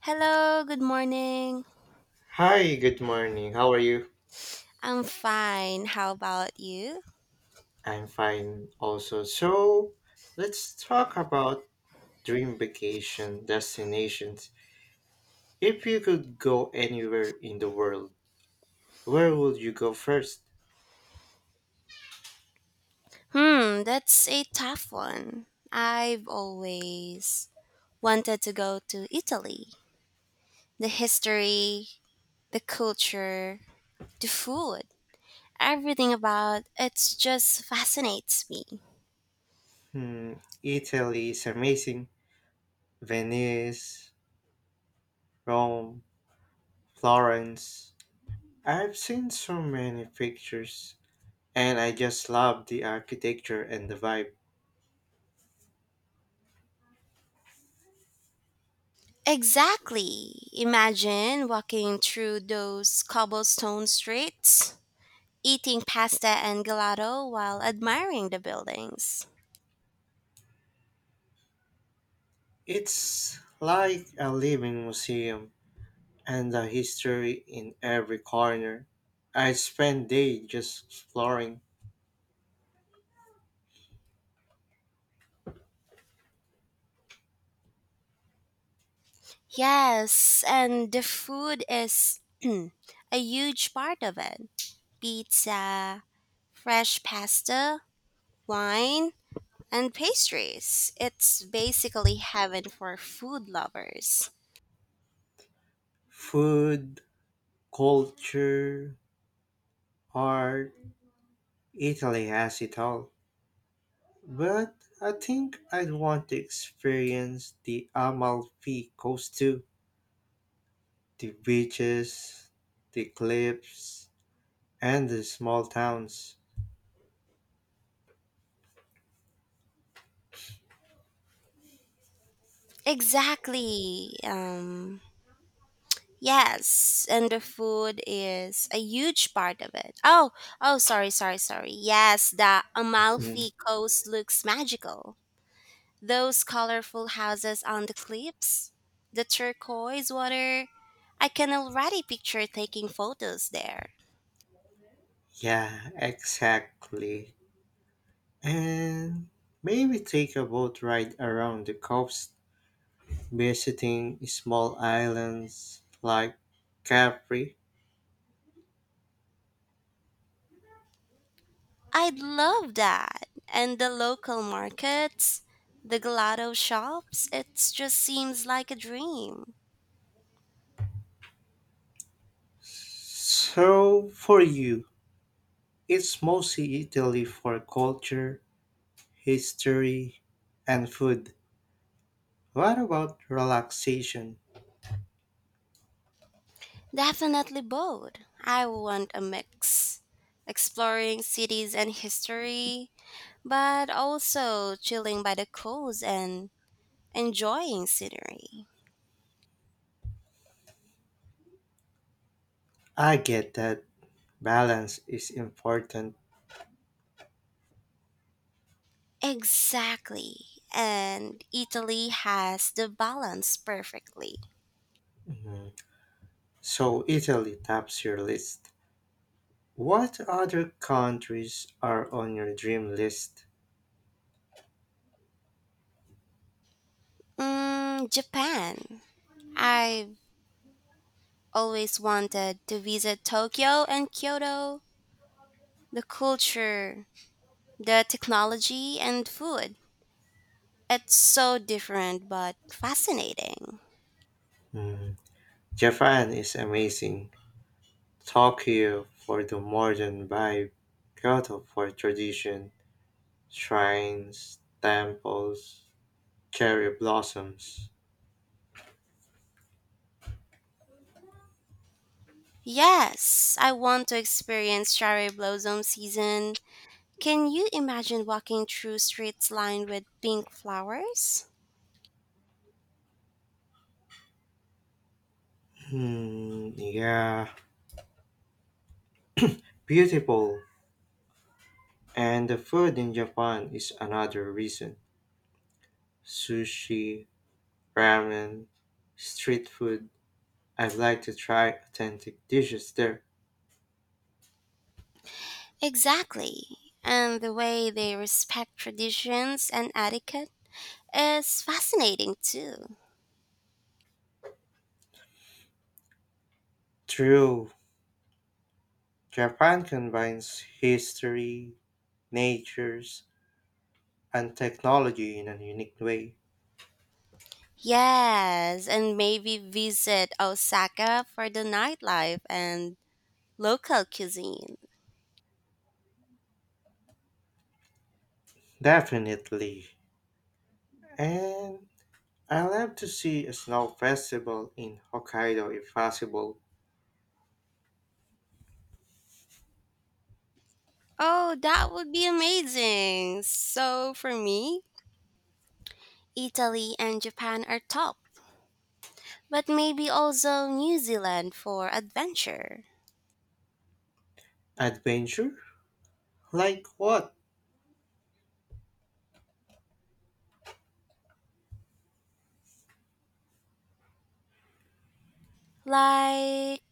Hello, good morning. Hi, good morning. How are you? I'm fine. How about you? I'm fine also. So, let's talk about dream vacation destinations. If you could go anywhere in the world, where would you go first? Hmm, that's a tough one. I've always wanted to go to Italy. The history, the culture, the food, everything about it just fascinates me. Hmm, Italy is amazing. Venice, Rome, Florence. I've seen so many pictures and I just love the architecture and the vibe. Exactly. Imagine walking through those cobblestone streets, eating pasta and gelato while admiring the buildings. It's like a living museum, and the history in every corner. I spent days just exploring Yes, and the food is a huge part of it. Pizza, fresh pasta, wine, and pastries. It's basically heaven for food lovers. food, culture, art. Italy has it all. But I think I'd want to experience the Amalfi Coast too. The beaches, the cliffs, and the small towns. Exactly. Yes, and the food is a huge part of it. Oh, oh sorry. Yes, the Mm, Amalfi Coast looks magical. Those colorful houses on the cliffs, the turquoise water. I can already picture taking photos there. yeah, exactly. And maybe take a boat ride around the coast visiting small islands like Capri. I'd love that. And the local markets, the gelato shops, it just seems like a dream. So, for you, it's mostly Italy for culture, history, and food. What about relaxation? Definitely both. I want a mix. Exploring cities and history, but also chilling by the coast and enjoying scenery. I get that balance is important. Exactly. And Italy has the balance perfectly. Mhm. So, Italy tops your list. What other countries are on your dream list? Mm, Japan. I've always wanted to visit Tokyo and Kyoto. The culture, the technology, and food. It's so different but fascinating. Mhm. Japan is amazing. Tokyo for the modern vibe, Kyoto for tradition, shrines, temples, cherry blossoms. Yes, I want to experience cherry blossom season. Can you imagine walking through streets lined with pink flowers? Hmm, yeah, beautiful. And the food in Japan is another reason. Sushi, ramen, street food. I'd like to try authentic dishes there. Exactly. And the way they respect traditions and etiquette is fascinating too. True, Japan combines history, natures, and technology in a unique way. Yes, and maybe visit Osaka for the nightlife and local cuisine. Definitely. And I love to see a snow festival in Hokkaido if possible. Oh, that would be amazing. So for me, Italy and Japan are top, but maybe also New Zealand for adventure, Adventure? Like what? like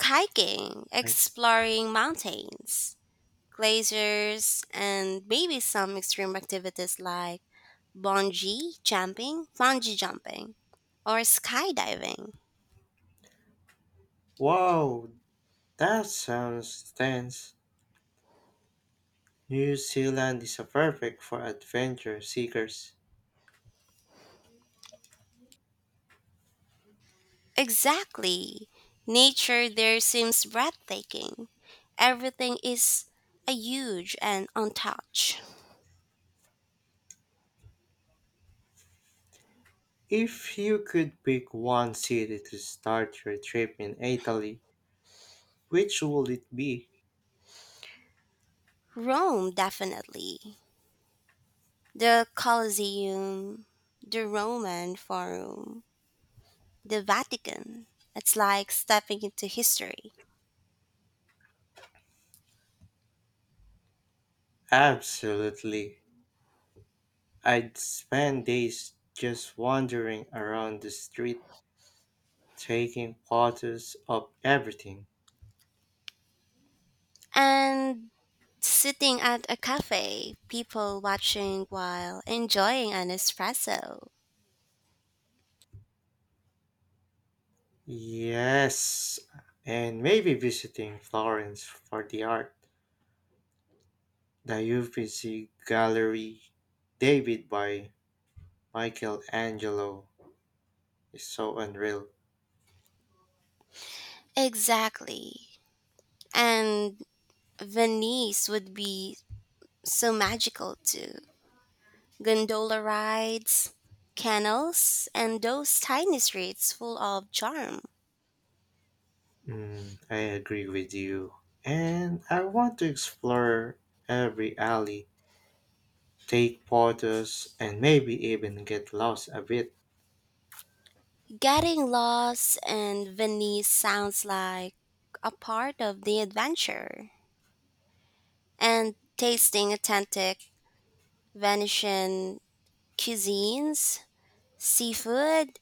hiking, Like, exploring mountains glaciers, and maybe some extreme activities like bungee jumping, or skydiving. wow, that sounds tense. New Zealand is a perfect for adventure seekers. Exactly. Nature there seems breathtaking. Everything is a huge and untouched. If you could pick one city to start your trip in Italy, which would it be? Rome, definitely. The Colosseum, the Roman Forum, the Vatican. It's like stepping into history. Absolutely. I'd spend days just wandering around the street taking photos of everything. And sitting at a cafe, people watching while enjoying an espresso. Yes, and maybe visiting Florence for the art. The Uffizi Gallery, David by Michelangelo, is so unreal. Exactly. And Venice would be so magical too. Gondola rides, canals, and those tiny streets full of charm. Mm, I agree with you. And I want to explore every alley, take photos, and maybe even get lost a bit. Getting lost in Venice sounds like a part of the adventure. And tasting authentic Venetian cuisines Seafood,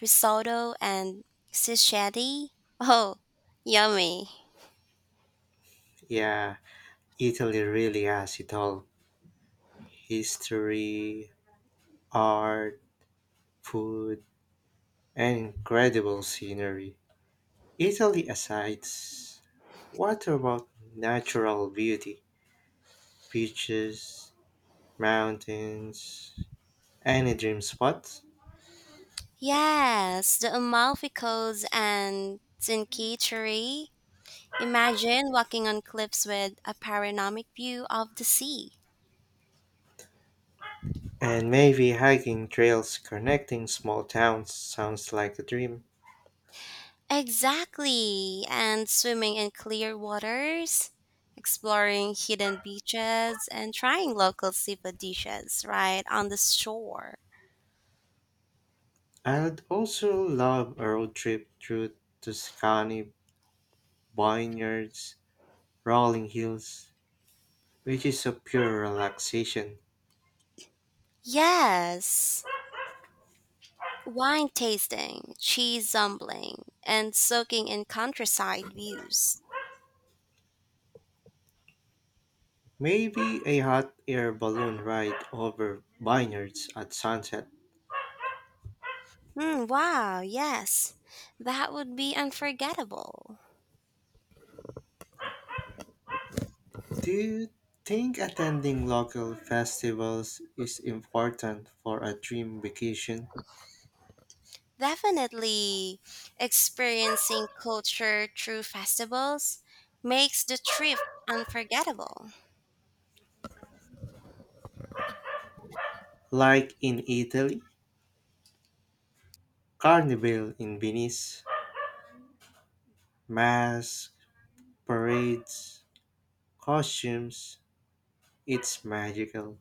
risotto, and sisheti. Oh, yummy. Yeah, Italy really has it all: history, art, food, and Incredible scenery. Italy aside, what about natural beauty? Beaches, mountains, any dream spot? Yes, the Amalfi Coast and Trinkitori. Imagine walking on cliffs with a panoramic view of the sea. And maybe hiking trails connecting small towns sounds like a dream. Exactly, and swimming in clear waters, exploring hidden beaches, and trying local seafood dishes right on the shore. I'd also love a road trip through Tuscany vineyards, rolling hills, which is a pure relaxation. Yes, wine tasting, cheese zumbling, and soaking in countryside views. Maybe a hot air balloon ride over vineyards at sunset. Hmm, wow, yes. That would be unforgettable. Do you think attending local festivals is important for a dream vacation? Definitely experiencing culture through festivals makes the trip unforgettable. Like in Italy, Carnival in Venice, masks, parades, costumes, it's magical.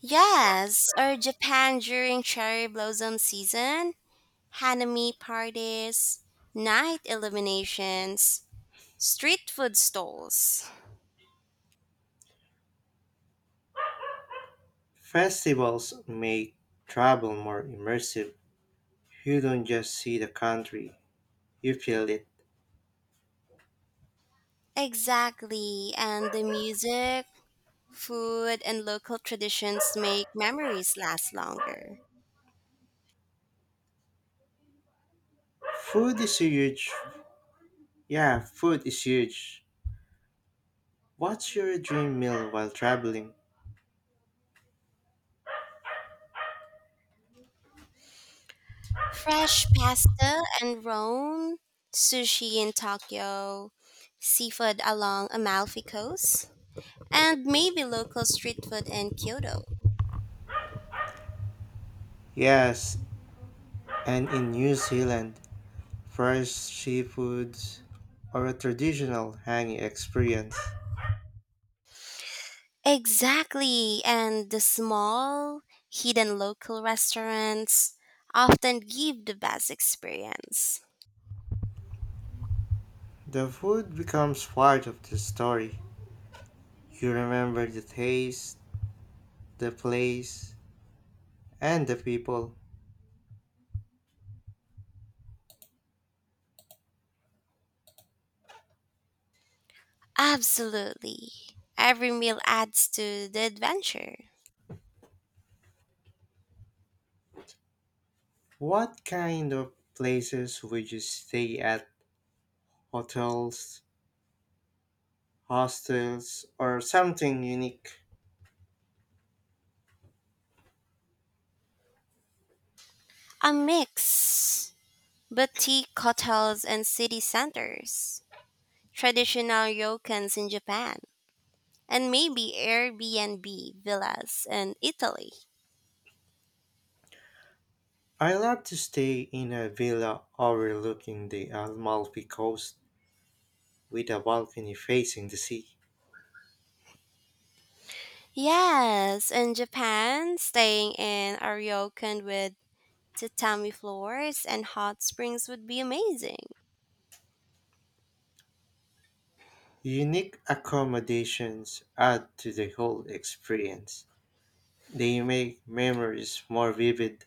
Yes, or Japan during cherry blossom season, hanami parties, night illuminations, street food stalls. Festivals make travel more immersive. You don't just see the country, you feel it. Exactly, and the music, food, and local traditions make memories last longer. Food is a huge Yeah, food is huge. What's your dream meal while traveling? Fresh pasta and Rome, sushi in Tokyo, seafood along Amalfi Coast, and maybe local street food in Kyoto. Yes, and in New Zealand, fresh seafoods or a traditional hanging experience. Exactly, and the small, hidden local restaurants often give the best experience. The food becomes part of the story. You remember the taste, the place, and the people. Absolutely. Every meal adds to the adventure. What kind of places would you stay at? Hotels, hostels, or something unique? A mix boutique hotels and city centers, traditional ryokans in Japan, and maybe Airbnb villas in Italy. I love to stay in a villa overlooking the Amalfi Coast with a balcony facing the sea. Yes, in Japan, staying in a ryokan with tatami floors and hot springs would be amazing. Unique accommodations add to the whole experience. They make memories more vivid.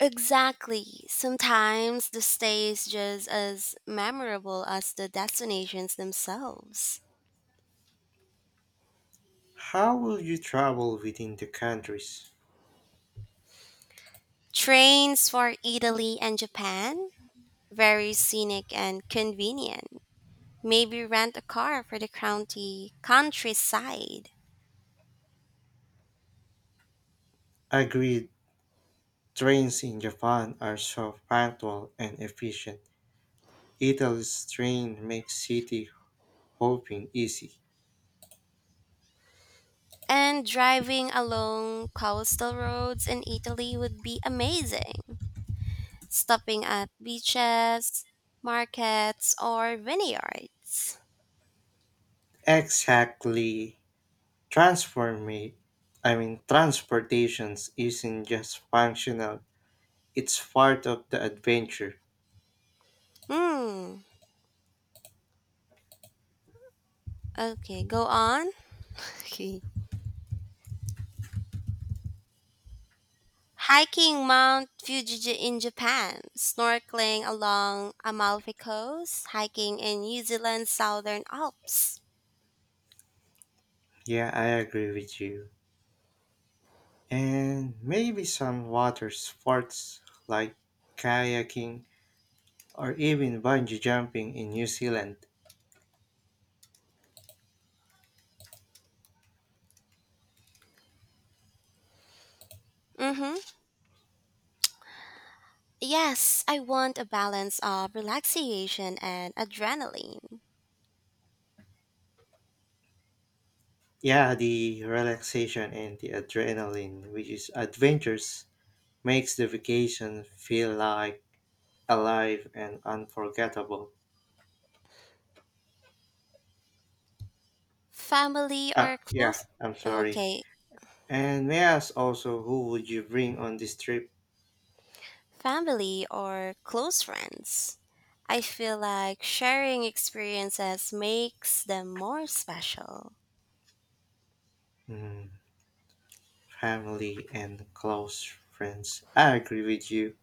Exactly. Sometimes the stay is just as memorable as the destinations themselves. How will you travel within the countries? Trains for Italy and Japan, very scenic and convenient. Maybe rent a car for the county countryside. Agreed, trains in Japan are so punctual and efficient. Italy's train makes city hopping easy. And driving along coastal roads in Italy would be amazing. Stopping at beaches, markets, or vineyards. Exactly. Transformate, transportations isn't just functional, it's part of the adventure. Hmm. Okay, go on. Okay. Hiking Mount Fuji in Japan, snorkeling along Amalfi Coast, hiking in New Zealand's Southern Alps. Yeah, I agree with you. And maybe some water sports like kayaking or even bungee jumping in New Zealand. Mm-hmm. Yes, I want a balance of relaxation and adrenaline. Yeah, the relaxation and the adrenaline, which is adventures, makes the vacation feel like alive and unforgettable. Family or Ah, yeah, close I'm sorry. okay, And may I ask also, who would you bring on this trip? family or close friends. I feel like sharing experiences makes them more special. Mm, family and close friends. I agree with you.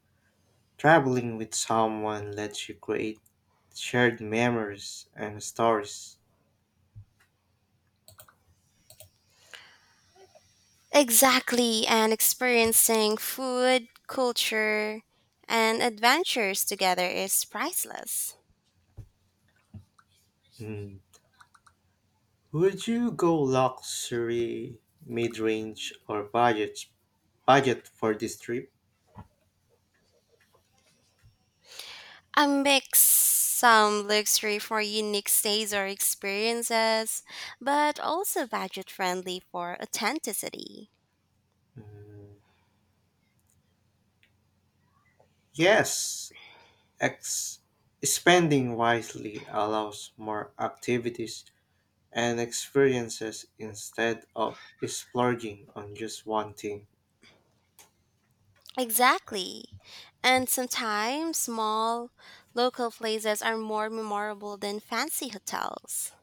Traveling with someone lets you create shared memories and stories. Exactly, and experiencing food, culture, and adventures together is priceless. Mm. Would you go luxury, mid-range, or budget for this trip? I mix some luxury for unique stays or experiences, but also budget friendly for authenticity. Mm, yes, X. Spending wisely allows more activities and experiences instead of splurging on just one thing. Exactly. And sometimes small, local places are more memorable than fancy hotels.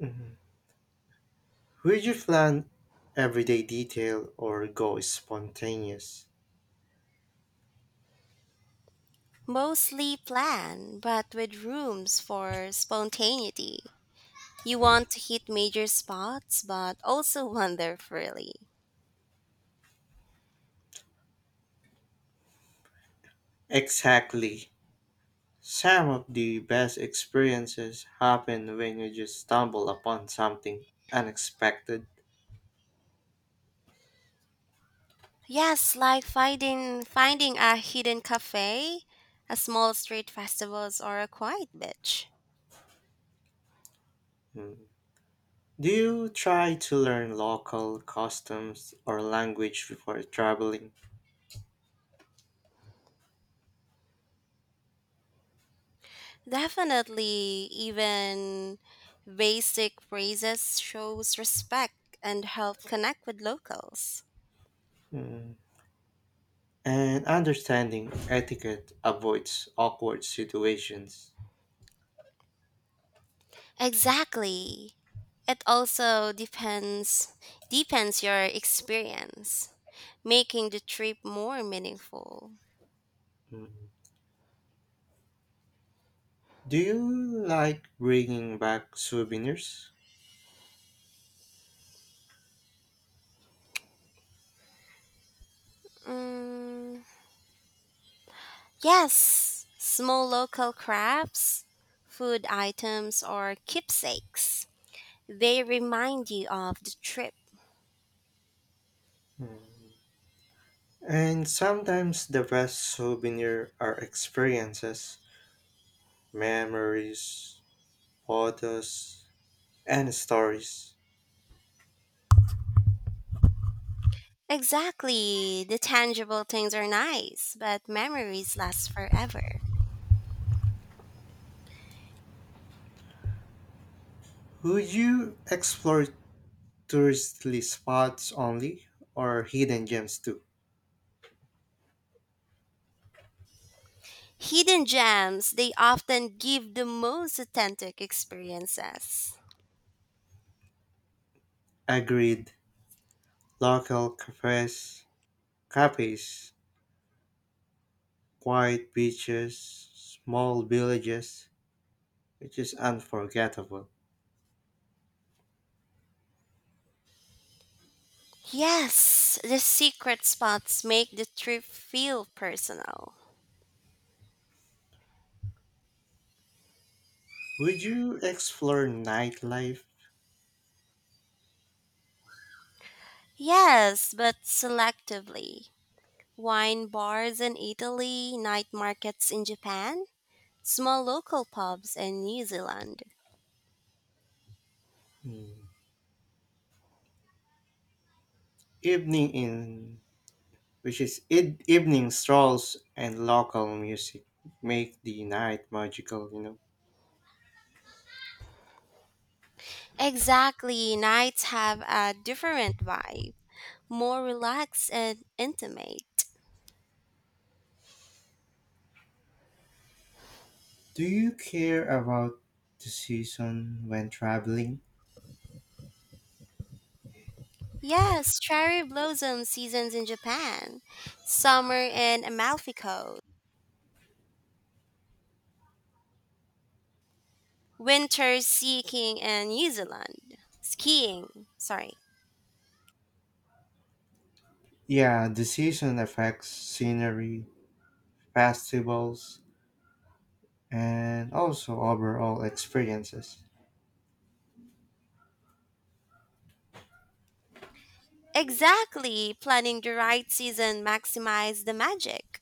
Mhm. Would you plan everyday detail or go spontaneous? Mostly planned, but with rooms for spontaneity. You want to hit major spots, but also wander freely. Exactly. Some of the best experiences happen when you just stumble upon something unexpected. Yes, like finding a hidden cafe, a small street festivals, or a quiet beach. Mm. Do you try to learn local customs or language before traveling? Definitely, even basic phrases shows respect and help connect with locals. Mm. And understanding etiquette avoids awkward situations. Exactly. It also depends your experience, making the trip more meaningful. Mm. Do you like bringing back souvenirs? Mm, yes, small local crafts, food items, or keepsakes. They remind you of the trip. Mm. And sometimes the best souvenir are experiences, memories, photos, and stories. Exactly, the tangible things are nice, but memories last forever. Would you explore touristy spots only or hidden gems too? Hidden gems, they often give the most authentic experiences. Agreed. Local cafes, quiet beaches, small villages, which is unforgettable. Yes, the secret spots make the trip feel personal. Would you explore nightlife? Yes, but selectively. Wine bars in Italy, night markets in Japan, small local pubs in New Zealand. Hmm. Evening in which is id- evening strolls and local music make the night magical. Exactly, nights have a different vibe, more relaxed and intimate. Do you care about the season when traveling? Yes, cherry blossom seasons in Japan, summer in Amalfi Coast, winter skiing in New Zealand. Skiing, sorry. Yeah, the season affects scenery, festivals, and also overall experiences. Exactly, planning the right season maximize the magic.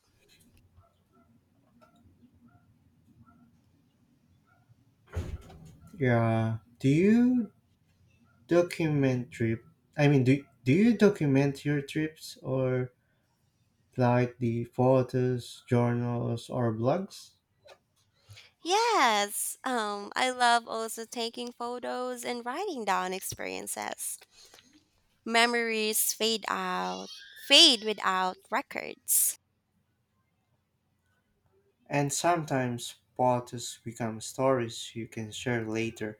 Yeah. Document trip? Do you document your trips, or like the photos, journals, or blogs? Yes, I love also taking photos and writing down experiences. Memories fade out, fade without records. And sometimes photos become stories you can share later.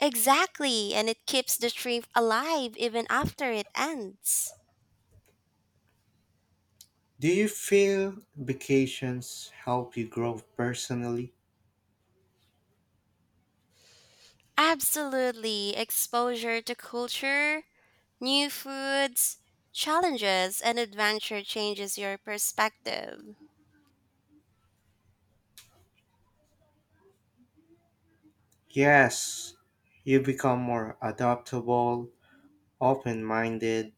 Exactly, and it keeps the trip alive even after it ends. Do you feel vacations help you grow personally? Absolutely, exposure to culture, new foods, challenges, and adventure changes your perspective. Yes, you become more adaptable, open minded,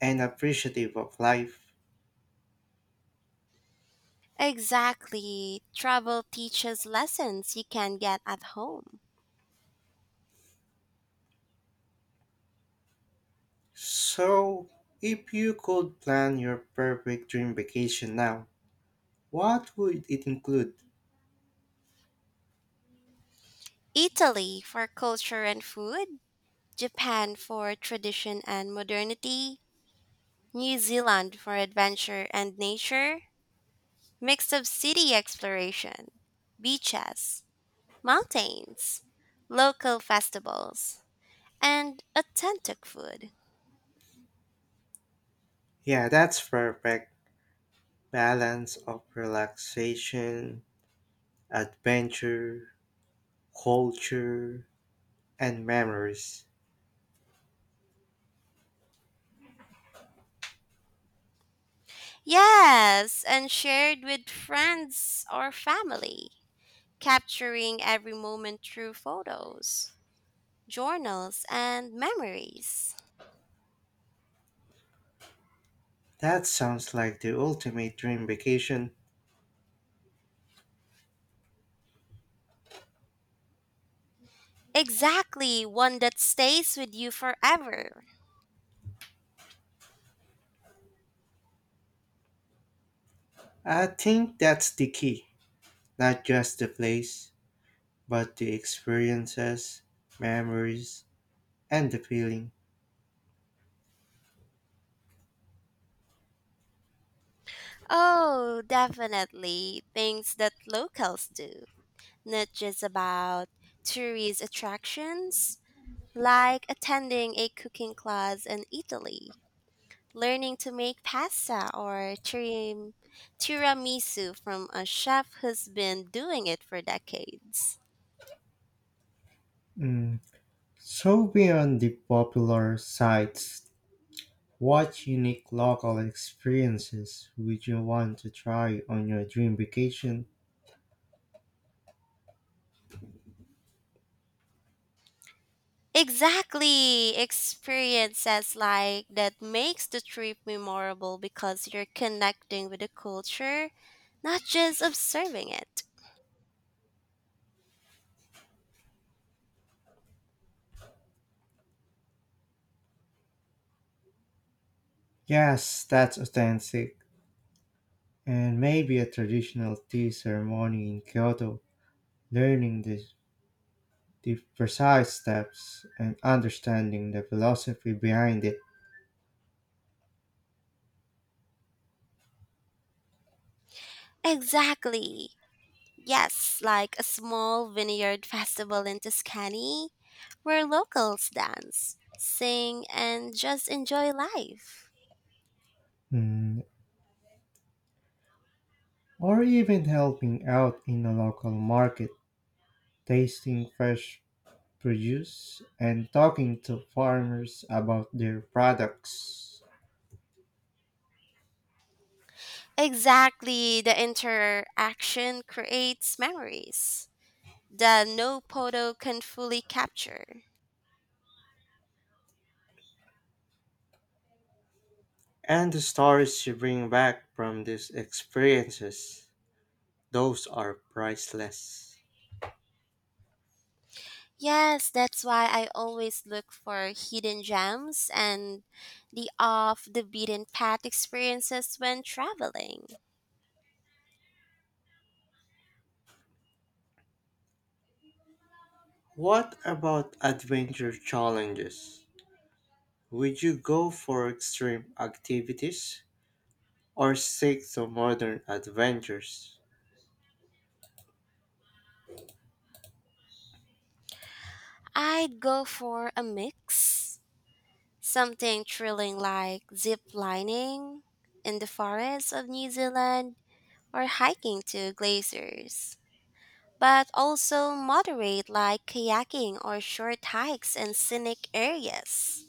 and appreciative of life. Exactly, travel teaches lessons you can get at home. So, if you could plan your perfect dream vacation now, what would it include? Italy for culture and food, Japan for tradition and modernity, New Zealand for adventure and nature, mix of city exploration, beaches, mountains, local festivals, and authentic food. Yeah, that's perfect. Balance of relaxation, adventure, culture, and memories. Yes, and shared with friends or family, capturing every moment through photos, journals, and memories. That sounds like the ultimate dream vacation. Exactly, one that stays with you forever. I think that's the key. Not just the place, but the experiences, memories, and the feeling. Oh, definitely. Things that locals do, not just about tourist attractions, like attending a cooking class in Italy, learning to make pasta or tiramisu from a chef who's been doing it for decades. Mm. So, beyond the popular sites, what unique local experiences would you want to try on your dream vacation? Exactly. Experiences like that makes the trip memorable because you're connecting with the culture, not just observing it. Yes, that's authentic. And maybe a traditional tea ceremony in Kyoto, learning the precise steps and understanding the philosophy behind it. Exactly. Yes, like a small vineyard festival in Tuscany where locals dance, sing, and just enjoy life. Mm, or even helping out in a local market, tasting fresh produce and talking to farmers about their products. Exactly. The interaction creates memories that no photo can fully capture. And the stories you bring back from these experiences, those are priceless. Yes, that's why I always look for hidden gems and the off the beaten path experiences when traveling. What about adventure challenges? Would you go for extreme activities or seek the modern adventures? I'd go for a mix, something thrilling like zip lining in the forests of New Zealand or hiking to glaciers, but also moderate like kayaking or short hikes in scenic areas.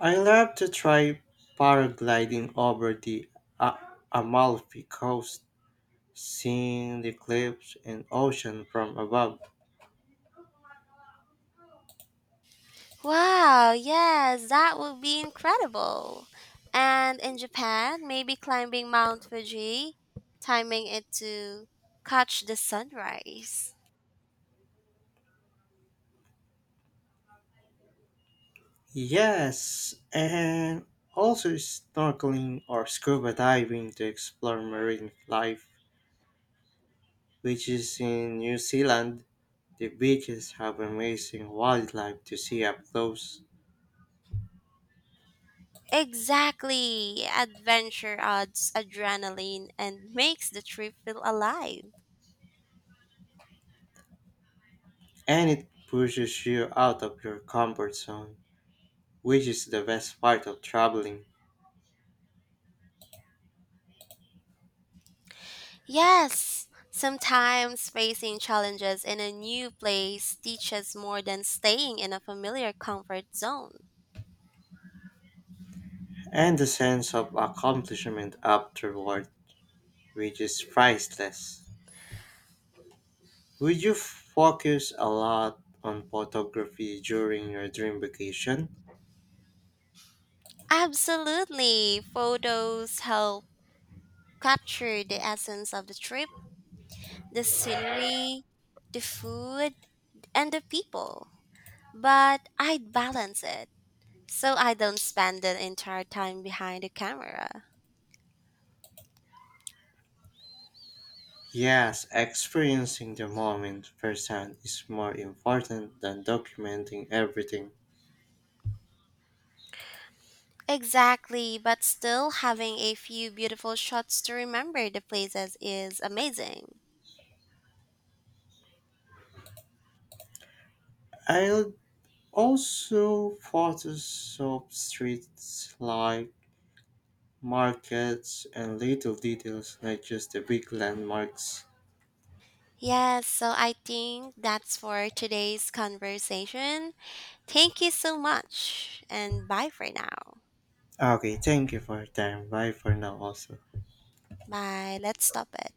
I love to try paragliding over the A- Amalfi coast, seeing the cliffs and ocean from above. Wow, yes, that would be incredible. And in Japan, maybe climbing Mount Fuji, timing it to catch the sunrise. Yes, and also snorkeling or scuba diving to explore marine life, which is in New Zealand. The beaches have amazing wildlife to see up close. Exactly. Adventure adds adrenaline and makes the trip feel alive. And it pushes you out of your comfort zone, which is the best part of traveling, Yes, sometimes facing challenges in a new place teaches more than staying in a familiar comfort zone. and the sense of accomplishment afterward, which is priceless. Would you focus a lot on photography during your dream vacation? Absolutely. Photos help capture the essence of the trip, the scenery, the food, and the people. But I'd balance it so I don't spend the entire time behind the camera. Yes, experiencing the moment firsthand is more important than documenting everything. Exactly, but still having a few beautiful shots to remember the places is amazing. I'll also photos of streets life markets, and little details, not just the big landmarks. Yes, so I think that's for today's conversation. Thank you so much, and bye for now. Ah, okay, thank you for your time. Bye for now, also. Bye, let's stop it.